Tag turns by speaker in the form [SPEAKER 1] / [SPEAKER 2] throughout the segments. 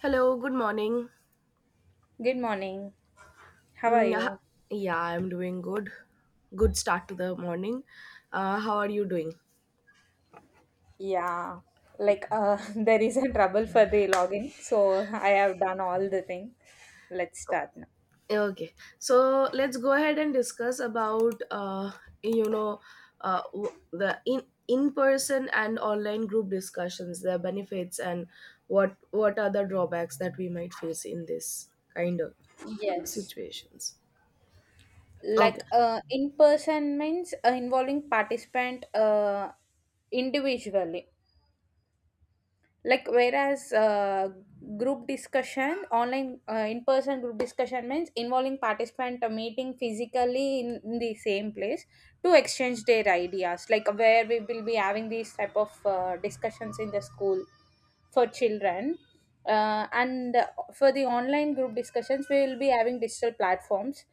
[SPEAKER 1] Hello, good morning.
[SPEAKER 2] Good morning. How are
[SPEAKER 1] Mm, h-
[SPEAKER 2] you?
[SPEAKER 1] yeah, I'm doing good. Good start to the morning. How are you doing?
[SPEAKER 2] Yeah, there is a trouble for the login, so I have done all the thing. Let's start now.
[SPEAKER 1] Okay, so let's go ahead and discuss about you know w- the in person and online group discussions, their benefits and what are the drawbacks that we might face in this kind of
[SPEAKER 2] Yes.
[SPEAKER 1] situations. Okay.
[SPEAKER 2] In person means involving participant individually. Whereas group discussion online, in person group discussion means involving participant meeting physically in the same place to exchange their ideas, like where we will be having these type of discussions in the school for children, and for the online group discussions we will be having digital platforms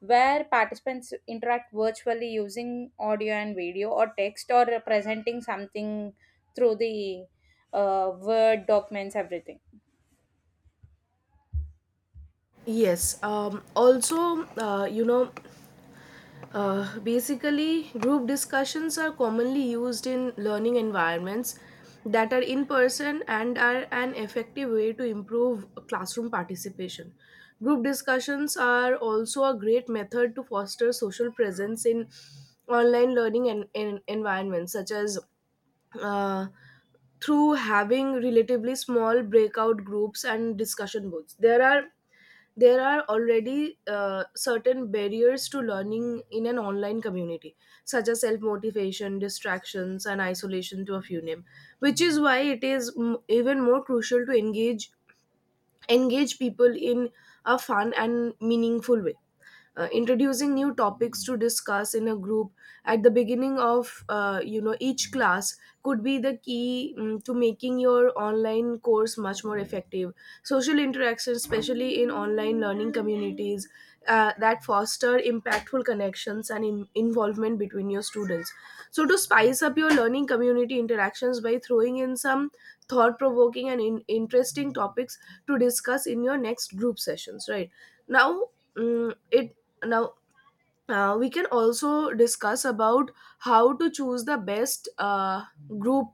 [SPEAKER 2] where participants interact virtually using audio and video, or text, or presenting something through the word documents, everything.
[SPEAKER 1] Yes. Also, basically, group discussions are commonly used in learning environments that are in person and are an effective way to improve classroom participation. Group discussions are also a great method to foster social presence in online learning and environments, such as uh, through having relatively small breakout groups and discussion boards. There are already certain barriers to learning in an online community, such as self motivation, distractions, and isolation, to a few name, which is why it is even more crucial to engage people in a fun and meaningful way. Introducing new topics to discuss in a group at the beginning of each class could be the key to making your online course much more effective. Social interaction, especially in online learning communities, that foster impactful connections and involvement between your students. So to spice up your learning community interactions by throwing in some thought provoking and interesting topics to discuss in your next group sessions right now mm, it now we can also discuss about how to choose the best group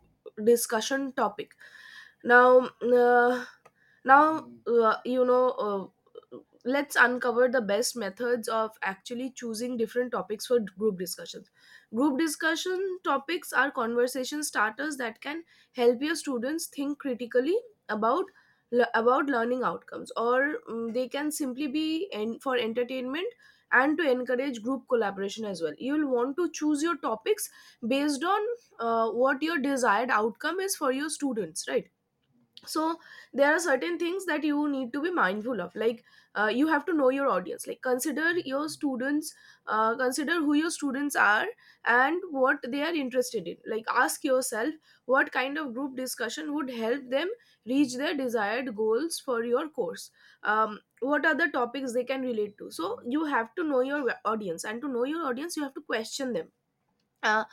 [SPEAKER 1] discussion topic now, now uh, you know. Uh, let's uncover the best methods of actually choosing different topics for group discussions. Group discussion topics are conversation starters that can help your students think critically about about learning outcomes or they can simply be for entertainment and to encourage group collaboration as well. You'll want to choose your topics based on what your desired outcome is for your students, right? So there are certain things that you need to be mindful of, like you have to know your audience, like consider your students, consider who your students are and what they are interested in, like ask yourself what kind of group discussion would help them reach their desired goals for your course. What are the topics they can relate to? So you have to know your audience, and to know your audience you have to question them. Uh,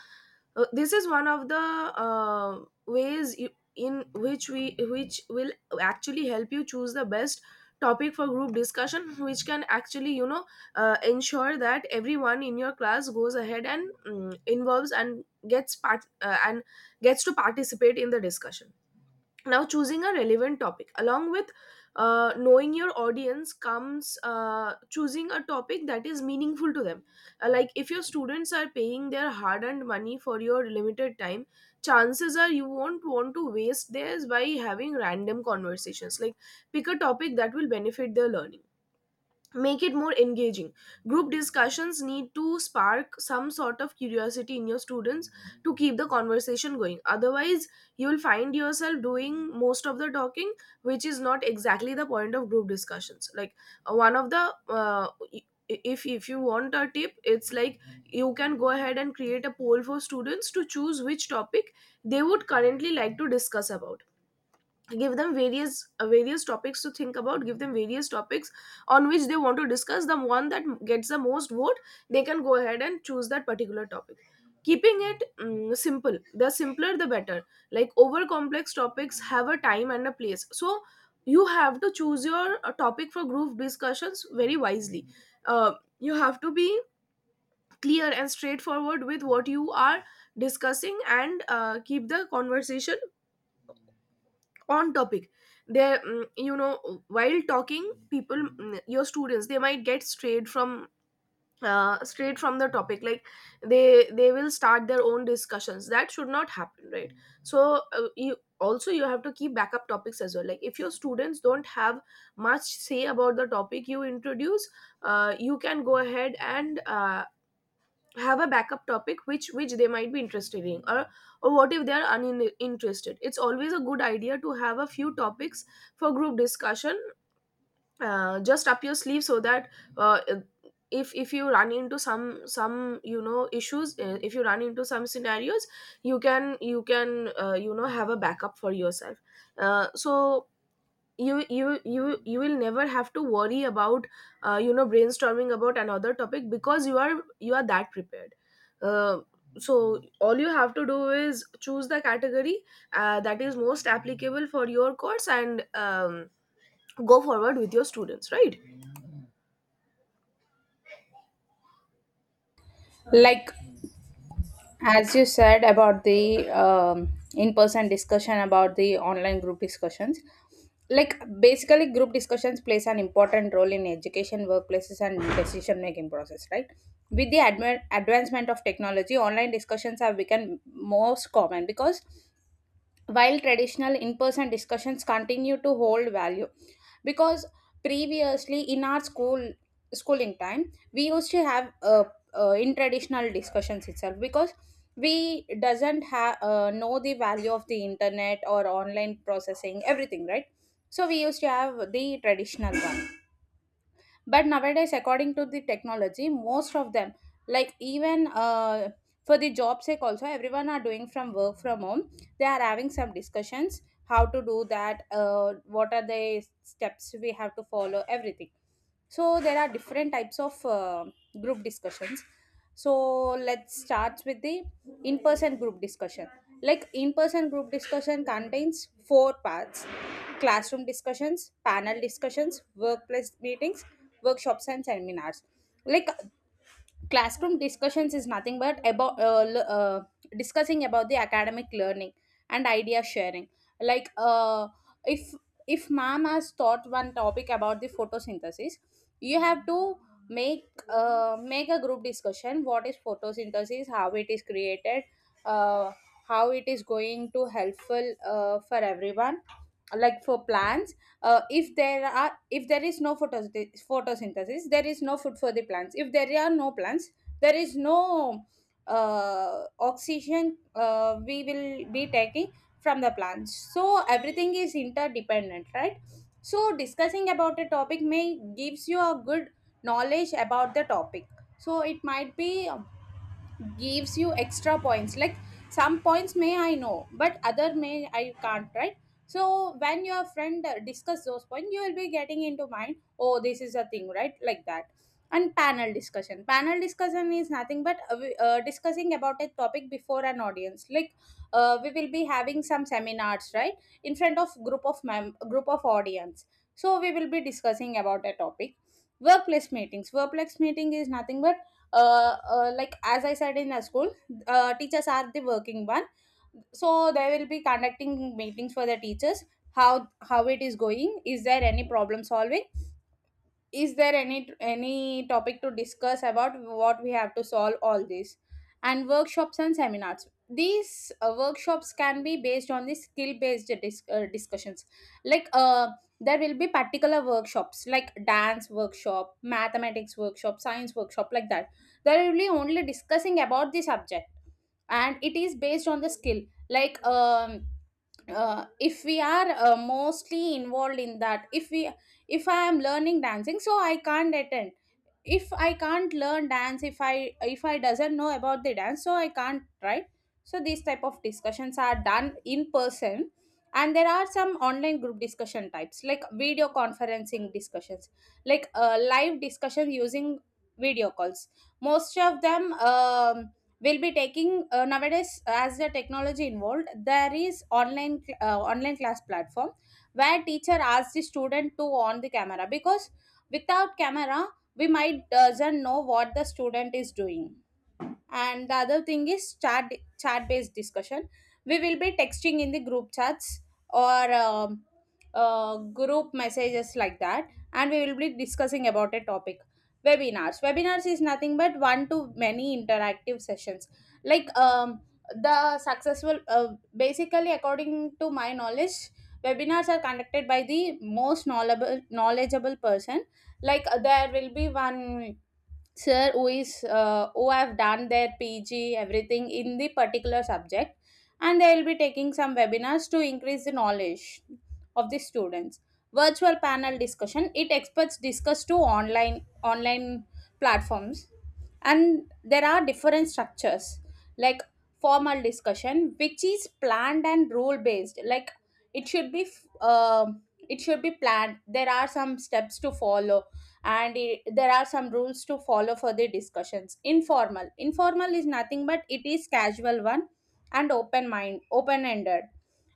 [SPEAKER 1] this is one of the ways you, in which we which will actually help you choose the best topic for group discussion which can actually ensure that everyone in your class goes ahead and involves and gets part and gets to participate in the discussion. Now, choosing a relevant topic, along with knowing your audience, comes choosing a topic that is meaningful to them. Like if your students are paying their hard earned money for your limited time, chances are you won't want to waste theirs by having random conversations. Like pick a topic that will benefit their learning, make it more engaging. Group discussions need to spark some sort of curiosity in your students to keep the conversation going, otherwise you will find yourself doing most of the talking, which is not exactly the point of group discussions. Like one of the i- if you want a tip, it's like you can go ahead and create a poll for students to choose which topic they would currently like to discuss about. Give them various various topics to think about, give them various topics on which they want to discuss. The one that gets the most vote, they can go ahead and choose that particular topic. Keeping it simple, the simpler the better. Like over complex topics have a time and a place, so you have to choose your topic for group discussions very wisely. uh, you have to be clear and straightforward with what you are discussing, and keep the conversation on topic. There, while talking, people, your students, they might get strayed from the topic. Like they will start their own discussions, that should not happen, right? So you also, you have to keep backup topics as well. Like if your students don't have much say about the topic you introduce, you can go ahead and have a backup topic which they might be interested in, or what if they are uninterested. It's always a good idea to have a few topics for group discussion just up your sleeve, so that uh, if you run into some issues, if you run into some scenarios, you can you can have a backup for yourself. So you will never have to worry about brainstorming about another topic because you are that prepared. uh, so all you have to do is choose the category that is most applicable for your course, and go forward with your students, right?
[SPEAKER 2] Like as you said about the in-person discussion, about the online group discussions, like basically group discussions plays an important role in education, workplaces and decision making process, right? With the advancement of technology, online discussions have become most common, because while traditional in-person discussions continue to hold value, because previously in our schooling time we used to have in traditional discussions itself, because we doesn't have know the value of the internet or online processing, everything, right? So we used to have the traditional one, but nowadays, according to the technology, most of them, like even for the job sake also, everyone are doing from work from home. They are having some discussions, how to do that, what are the steps we have to follow, everything. So there are different types of group discussions. So let's start with the in person group discussion. Like in person group discussion contains 4 parts: classroom discussions, panel discussions, workplace meetings, workshops and seminars. Like classroom discussions is nothing but about discussing about the academic learning and idea sharing. Like if ma'am has taught one topic about the photosynthesis, you have to make a group discussion: what is photosynthesis, how it is created, uh, how it is going to helpful for everyone, like for plants. If there are, if there is no photosynthesis, there is no food for the plants. If there are no plants, there is no oxygen we will be taking from the plants. So everything is interdependent, right? So discussing about a topic may gives you a good knowledge about the topic. So it might be gives you extra points, like some points may I know but other may I can't, right? So when your friend discuss those points, you will be getting into mind, oh, this is a thing, right, like that. And panel discussion, panel discussion is nothing but discussing about a topic before an audience. Like we will be having some seminars, right, in front of group of audience. So we will be discussing about a topic. Workplace meetings, workplace meeting is nothing but like as I said, in a school, teachers are the working one, so they will be conducting meetings for the teachers, how it is going, is there any problem solving, is there any topic to discuss about what we have to solve, all this. And workshops and seminars, these workshops can be based on the skill based discussions. Like there will be particular workshops like dance workshop, mathematics workshop, science workshop, like that. There will be only discussing about the subject and it is based on the skill. Like if we are mostly involved in that, if we, if I am learning dancing so I can't attend, if I can't learn dance, if I doesn't know about the dance so I can't, right? So these type of discussions are done in person. And there are some online group discussion types like video conferencing discussions, like live discussion using video calls. Most of them, will be taking nowadays, as the technology involved, there is online online class platform where teacher asks the student to on the camera, because without camera we might doesn't know what the student is doing. And the other thing is chat based discussion. We will be texting in the group chats or group messages like that, and we will be discussing about a topic. Webinars, webinars is nothing but one to many interactive sessions. Like the successful basically, according to my knowledge, webinars are conducted by the most knowledgeable person. Like there will be one sir who is who have done their PG everything in the particular subject, and they will be taking some webinars to increase the knowledge of the students. Virtual panel discussion, IT experts discuss to online platforms. And there are different structures, like formal discussion, which is planned and rule based. Like it should be it should be planned, there are some steps to follow and there are some rules to follow for the discussions. Informal, informal is nothing but it is casual one and open mind, open ended.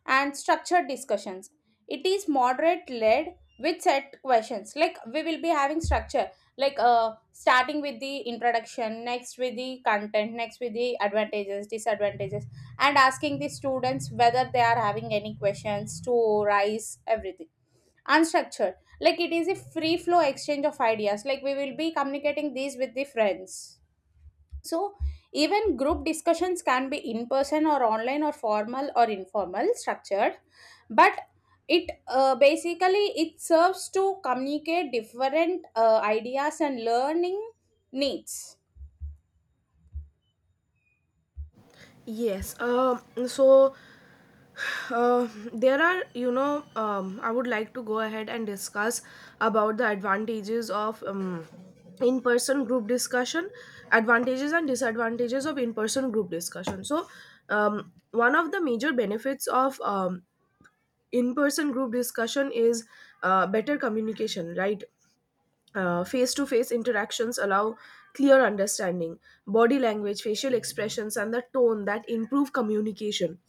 [SPEAKER 2] And structured discussions, it is moderate led with set questions, like we will be having structure, like starting with the introduction, next with the content, next with the advantages, disadvantages, and asking the students whether they are having any questions to rise, everything. Unstructured, like it is a free flow exchange of ideas, like we will be communicating these with the friends. So, even group discussions can be in person or online, or formal or informal, structured, but it basically it serves to communicate different ideas and learning needs.
[SPEAKER 1] Yes. So Uh, there are, I would like to go ahead and discuss about the advantages of in-person group discussion, advantages and disadvantages of in-person group discussion. So, one of the major benefits of in-person group discussion is better communication, right? Face-to-face interactions allow clear understanding, body language, facial expressions, and the tone that improve communication,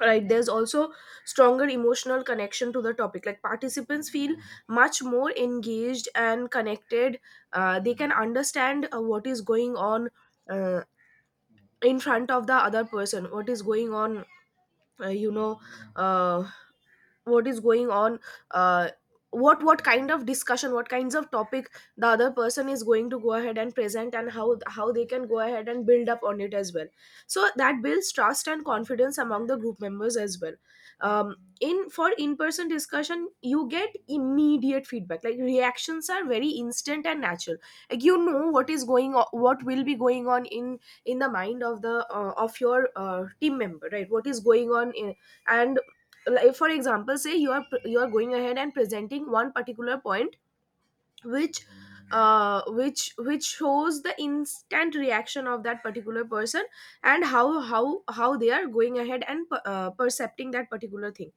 [SPEAKER 1] right? There's also stronger emotional connection to the topic, like participants feel much more engaged and connected. They can understand what is going on, uh, in front of the other person, what is going on, uh, you know uh, what is going on, uh, what kind of discussion, what kinds of topic the other person is going to go ahead and present, and how they can go ahead and build up on it as well. So that builds trust and confidence among the group members as well. um, in for in-person discussion, you get immediate feedback, like reactions are very instant and natural. Like you know what is going on, what will be going on in the mind of the of your team member, right? What is going on in, and like for example say you are going ahead and presenting one particular point which which shows the instant reaction of that particular person, and how they are going ahead and percepting that particular thing.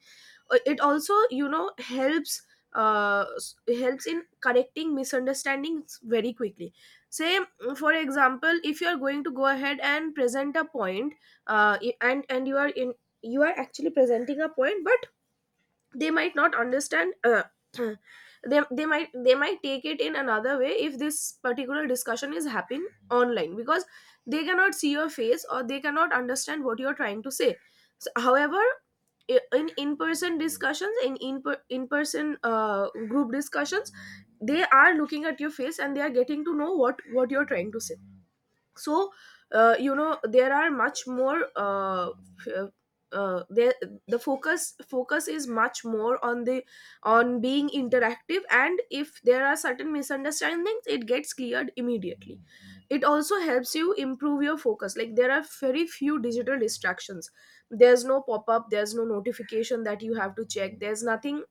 [SPEAKER 1] It also, helps helps in correcting misunderstandings very quickly. Say for example, if you are going to go ahead and present a point, and you are in, you are actually presenting a point, but they might not understand, they might take it in another way if this particular discussion is happening online because they cannot see your face or they cannot understand what you're trying to say. So, however, in in-person discussions, in-person group discussions, they are looking at your face and they are getting to know what you're trying to say. So there are much more f- uh, there the focus is much more on the on being interactive, and if there are certain misunderstandings it gets cleared immediately. It also helps you improve your focus, like there are very few digital distractions. There's no pop up, there's no notification that you have to check, there's nothing,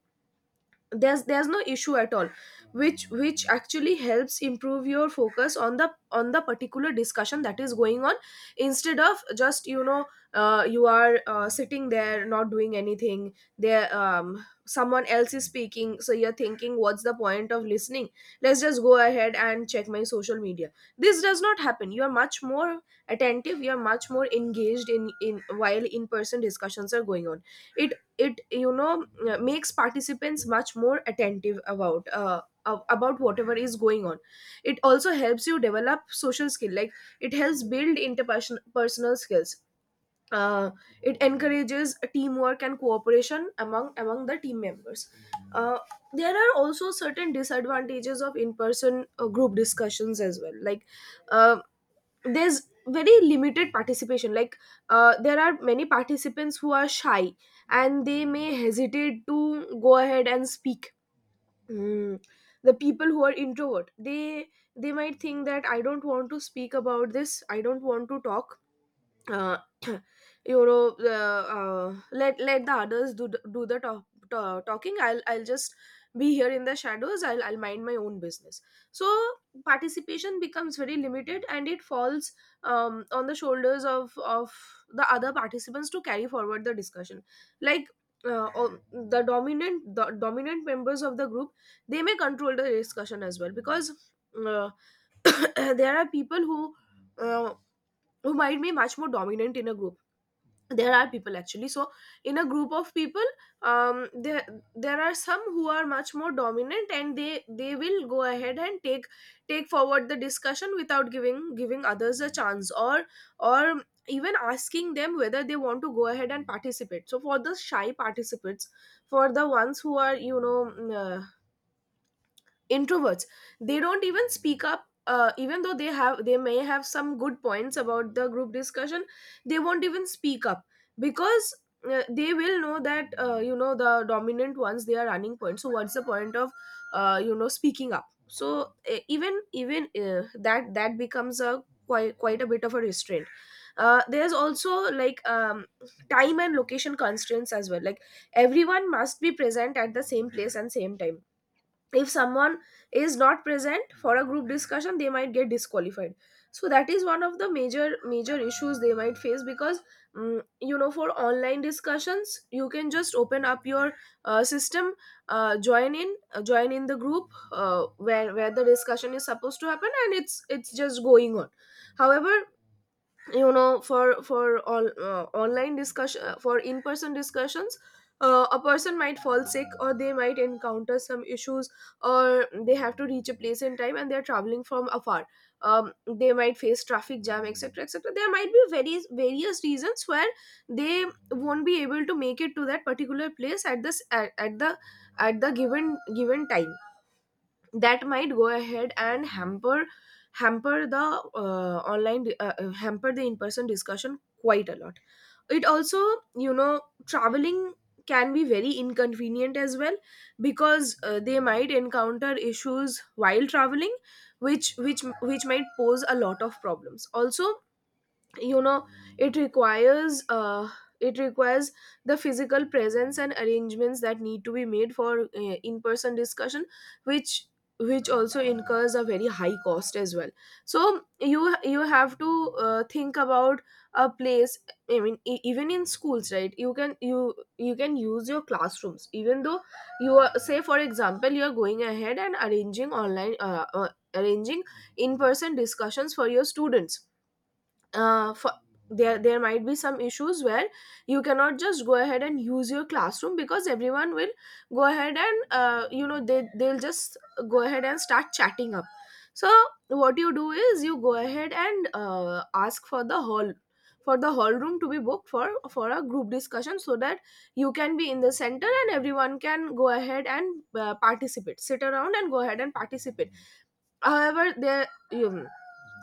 [SPEAKER 1] there's no issue at all, which actually helps improve your focus on the particular discussion that is going on, instead of just you are sitting there not doing anything there, someone else is speaking so you're thinking what's the point of listening, let's just go ahead and check my social media. This does not happen, you are much more attentive, you are much more engaged in while in person discussions are going on. it it makes participants much more attentive about about whatever is going on. It also helps you develop social skill, like it helps build interpersonal personal skills. uh, it encourages teamwork and cooperation among among the team members. uh, there are also certain disadvantages of in-person group discussions as well. Like uh, there's very limited participation. Like there are many participants who are shy and they may hesitate to go ahead and speak. Mm. The people who are introvert they might think that I don't want to speak about this. I don't want to talk. uh, let the others do do the talking. I'll just be here in the shadows. I'll mind my own business. So participation becomes very limited and it falls on the shoulders of the other participants to carry forward the discussion, like the dominant members of the group, they may control the discussion as well, because uh, there are people uh, who might be much more dominant in a group. There are people actually. So in a group of people, um there there are some who are much more dominant, and they will go ahead and take take forward the discussion without giving others a chance, or even asking them whether they want to go ahead and participate. So for the shy participants, for the ones who are introverts, they don't even speak up, even though they have, they may have some good points about the group discussion, they won't even speak up, because they will know that the dominant ones, they are running points, so what's the point of speaking up? So even even that becomes a quite a bit of a restraint. There's also, like, time and location constraints as well, like everyone must be present at the same place and same time. If someone is not present for a group discussion, they might get disqualified. So that is one of the major issues they might face, because you know, for online discussions you can just open up your system, join in the group where the discussion is supposed to happen, and it's just going on. However, you know, for all online discussion for in person discussions, a person might fall sick or they might encounter some issues, or they have to reach a place in time and they're traveling from afar. They might face traffic jam, etc., etc. There might be various reasons where they won't be able to make it to that particular place at the at the given time. That might go ahead and hamper hamper the online hamper the in person discussion quite a lot. It also, you know, traveling can be very inconvenient as well, because they might encounter issues while traveling, which might pose a lot of problems also, you know. It requires it requires the physical presence and arrangements that need to be made for in-person discussion, which also incurs a very high cost as well. So you have to think about a place. I mean, even in schools, right, you can, you can use your classrooms. Even though you are, say, for example, you are going ahead and arranging online arranging in-person discussions for your students, for there there might be some issues where you cannot just go ahead and use your classroom, because everyone will go ahead and, you know, they'll just go ahead and start chatting up. So what you do is you go ahead and ask for the hall, for the hall room to be booked for a group discussion, so that you can be in the center and everyone can go ahead and participate, sit around and go ahead and participate. However, there you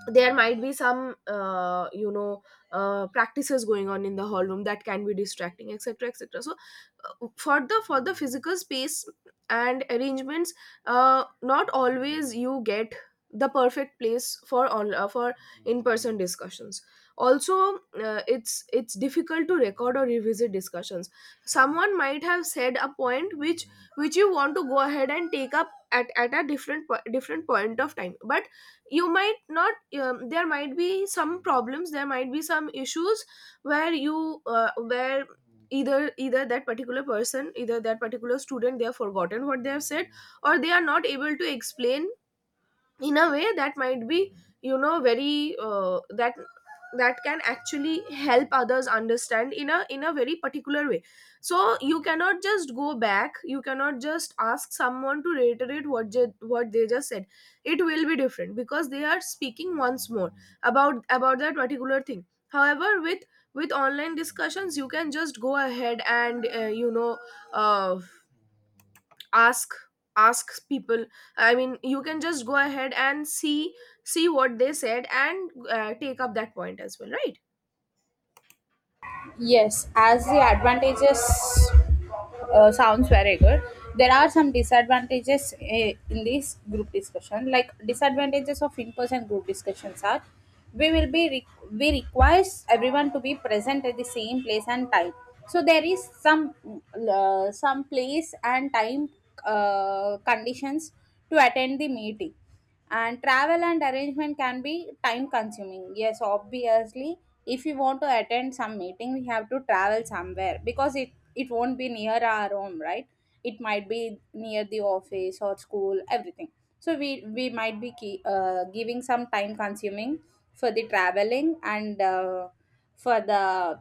[SPEAKER 1] there might be some practices going on in the hall room that can be distracting, etc., etc. So for the physical space and arrangements, not always you get the perfect place for on for in person discussions. Also, it's difficult to record or revisit discussions. Someone might have said a point which you want to go ahead and take up at a different point of time, but you might not. There might be some problems, there might be some issues where you where either that particular person, either that particular student, they have forgotten what they have said, or they are not able to explain in a way that might be, you know, very that that can actually help others understand in a very particular way. So you cannot just go back, you cannot just ask someone to reiterate what they just said. It will be different because they are speaking once more about that particular thing. However, with online discussions you can just go ahead and, uh, ask, ask people. I mean, you can just go ahead and see, see what they said, and take up that point as well, right?
[SPEAKER 2] Yes, as the advantages sounds very good, there are some disadvantages, in this group discussion. Like disadvantages of in-person group discussions are, we will be we requires everyone to be present at the same place and time. So there is some place and time conditions to attend the meeting, and travel and arrangement can be time consuming. Yes, obviously, if we want to attend some meeting we have to travel somewhere, because it won't be near our home, right? It might be near the office or school, everything. So we might be giving some time consuming for the traveling and for the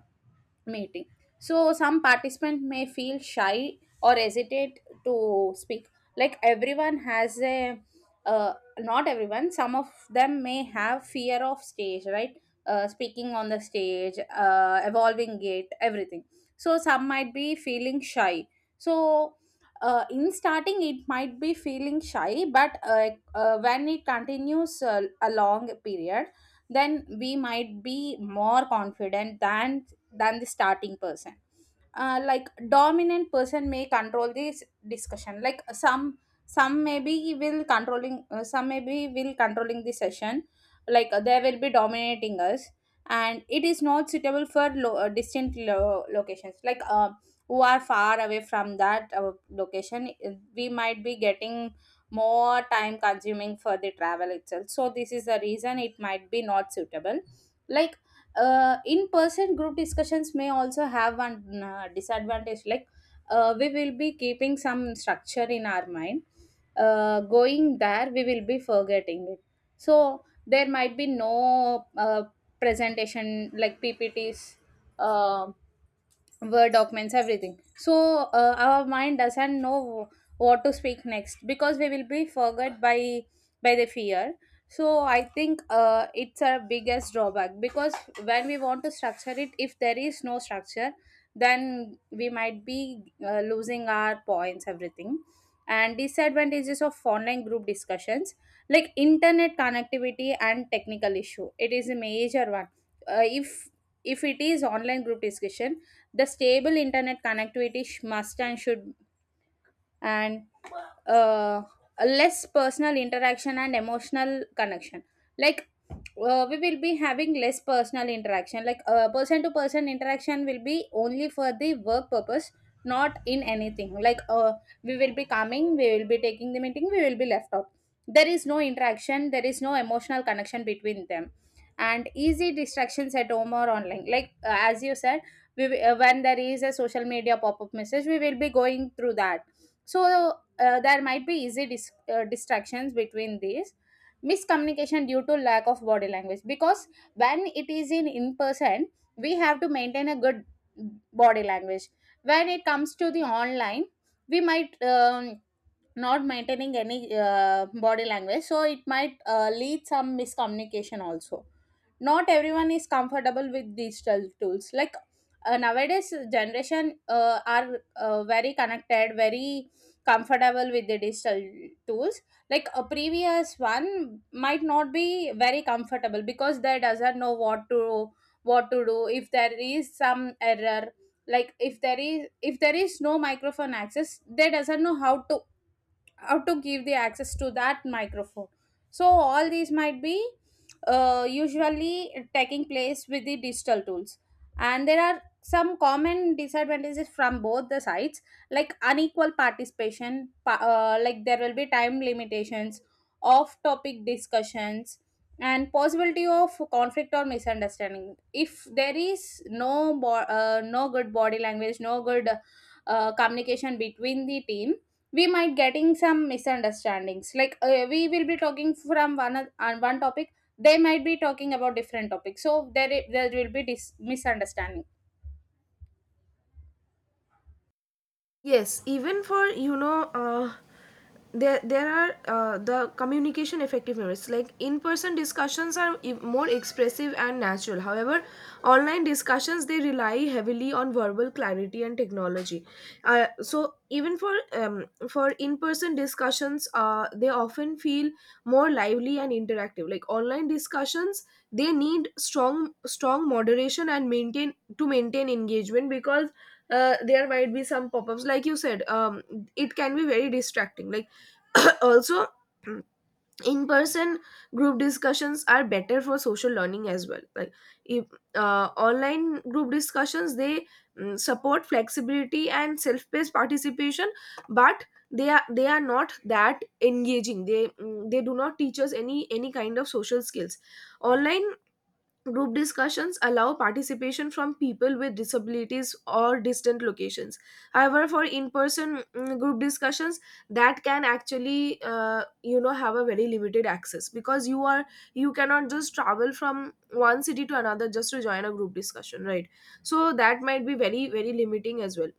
[SPEAKER 2] meeting. So some participant may feel shy or hesitate to speak. Like everyone has a uh, not everyone, some of them may have fear of stage, right, speaking on the stage, evolving it, everything. So some might be feeling shy. So in starting it might be feeling shy, but when it continues a long period, then we might be more confident than the starting person. Like dominant person may control this discussion, like some maybe will controlling, some maybe will controlling the session, like they will be dominating us. And it is not suitable for distant locations, like who are far away from that location. We might be getting more time consuming for the travel itself, so this is the reason it might be not suitable. Like in person group discussions may also have one disadvantage, like we will be keeping some structure in our mind, going there we will be forgetting it. So there might be no presentation like PPTs, uh, word documents, everything. So our mind doesn't know what to speak next, because we will be forgot by the fear. So I think it's our biggest drawback, because when we want to structure it, if there is no structure, then we might be losing our points, everything. And disadvantages of online group discussions, like internet connectivity and technical issue, it is a major one. If it is online group discussion, the stable internet connectivity must and should. And uh, less personal interaction and emotional connection, like we will be having less personal interaction, like person to person interaction will be only for the work purpose, not in anything, like we will be coming, we will be taking the meeting, we will be left out. There is no interaction, there is no emotional connection between them. And easy distractions at home or online, like as you said, when there is a social media pop-up message we will be going through that. So there might be easy distractions between these. Miscommunication due to lack of body language, because when it is in person, we have to maintain a good body language. When it comes to the online, we might not maintaining any body language, so it might lead some miscommunication also. Not everyone is comfortable with digital tools, like nowadays generation are very connected, very comfortable with the digital tools. Like a previous one might not be very comfortable, because they doesn't know what to, what to do if there is some error. Like if there is, if there is no microphone access, they doesn't know how to give the access to that microphone. So all these might be usually taking place with the digital tools. And there are some common disadvantages from both the sides, like unequal participation, like there will be time limitations, off topic discussions, and possibility of conflict or misunderstanding. If there is no no good body language, no good communication between the team, we might getting some misunderstandings, like we will be talking from on one topic, they might be talking about different topics, so there there will be misunderstanding.
[SPEAKER 1] Yes, even for, you know, there are, the communication effectiveness. Like, in-person discussions are more expressive and natural. However, online discussions, they rely heavily on verbal clarity and technology. So even for, for in-person discussions, they often feel more lively and interactive. Like online discussions, they need strong moderation and maintain engagement, because there might be some pop-ups, like you said. It can be very distracting, like also in person group discussions are better for social learning as well. Like, if online group discussions they support flexibility and self-paced participation, but they are not that engaging. They do not teach us any kind of social skills. Online group discussions allow participation from people with disabilities or distant locations. However, for in-person group discussions, that can actually, you know, have a very limited access, because you are, you cannot just travel from one city to another just to join a group discussion, right? So that might be very limiting as well.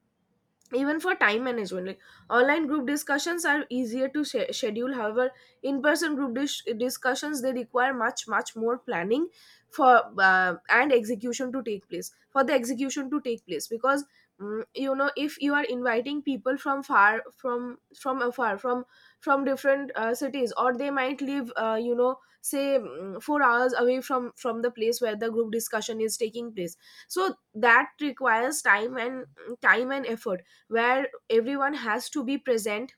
[SPEAKER 1] Even for time management, like online group discussions are easier to schedule. However, in person group discussions, they require much more planning for, and execution to take place, for the execution to take place, because, you know, if you are inviting people from far, from afar, from different cities, or they might live, you know, say, 4 hours away from the place where the group discussion is taking place. So that requires time and, time and effort, where everyone has to be present,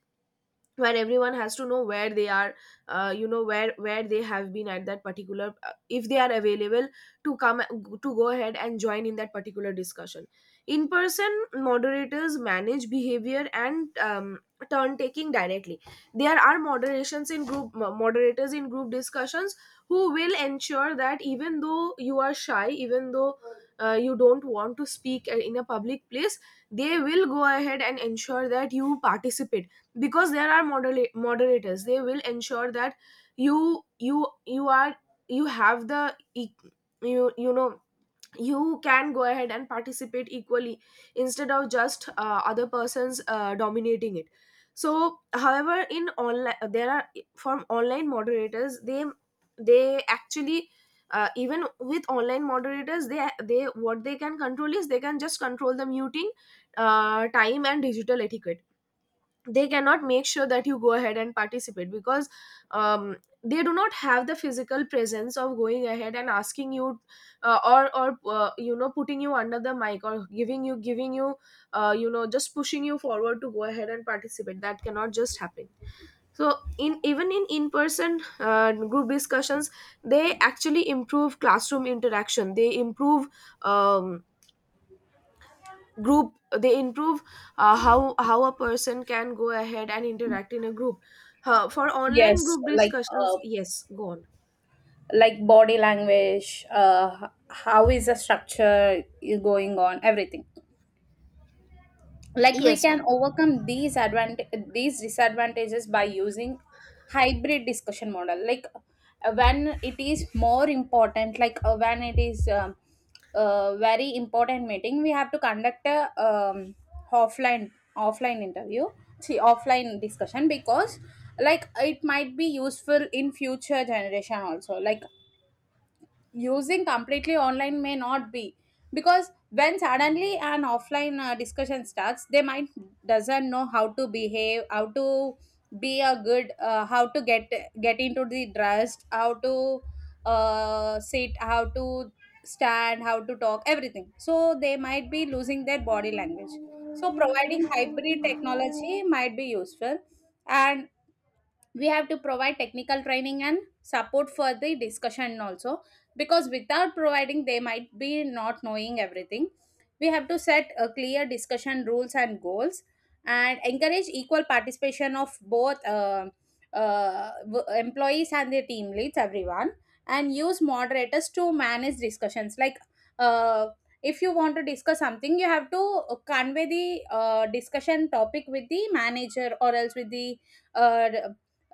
[SPEAKER 1] where everyone has to know where they are, where they have been at that particular, if they are available to come, to go ahead and join in that particular discussion. In person moderators manage behavior and, turn taking directly. There are moderations in group, moderators in group discussions who will ensure that, even though you are shy, even though, you don't want to speak, in a public place, they will go ahead and ensure that you participate, because there are moderators, they will ensure that you are, you have the you, you know, you can go ahead and participate equally, instead of just, other persons, dominating it. So however, in online, there are, from online moderators, they actually, even with online moderators, they, what they can control is they can just control the muting, time and digital etiquette. They cannot make sure that you go ahead and participate, because, um, they do not have the physical presence of going ahead and asking you, or you know, putting you under the mic, or giving you, you know, just pushing you forward to go ahead and participate. That cannot just happen. So in, even in person group discussions, they actually improve classroom interaction, they improve, um, group they improve how a person can go ahead and interact in a group. For online
[SPEAKER 2] Yes,
[SPEAKER 1] group discussions,
[SPEAKER 2] uh,
[SPEAKER 1] yes, go on.
[SPEAKER 2] like body language, how is the structure going on, everything. Like we
[SPEAKER 1] Yes,
[SPEAKER 2] can overcome these these disadvantages by using hybrid discussion model, like when it is more important, like when it is a very important meeting, we have to conduct a offline offline interview, see, offline discussion, because like it might be useful in future generation also. Like using completely online may not be, because when suddenly an offline discussion starts, they might doesn't know how to behave, how to be a good how to get into the dress, how to sit, how to stand, how to talk, everything, so they might be losing their body language. So providing hybrid technology might be useful. And we have to provide technical training and support for the discussion also, because without providing they might be not knowing everything. We have to set a clear discussion rules and goals, and encourage equal participation of both employees and their team leads, everyone. And use moderators to manage discussions, like uh, if you want to discuss something, you have to convey the discussion topic with the manager, or else uh,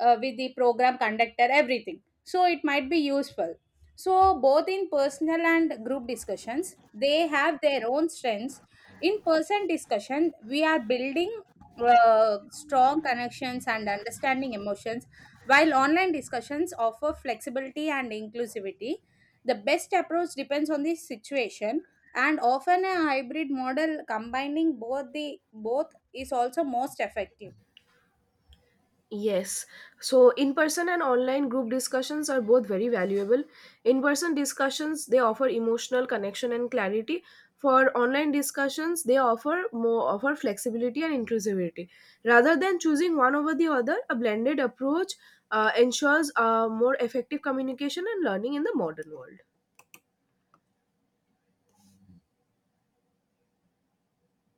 [SPEAKER 2] with the program conductor, everything. So it might be useful. So, both in personal and group discussions, they have their own strengths. In person discussion, we are building strong connections and understanding emotions, while online discussions offer flexibility and inclusivity. The best approach depends on the situation, and often a hybrid model combining both the both is also most effective.
[SPEAKER 1] yes so in person and online group discussions are both very valuable. In person discussions, they offer emotional connection and clarity. For online discussions, they offer more offer flexibility and inclusivity. Rather than choosing one over the other, a blended approach ensures more effective communication and learning in the modern world.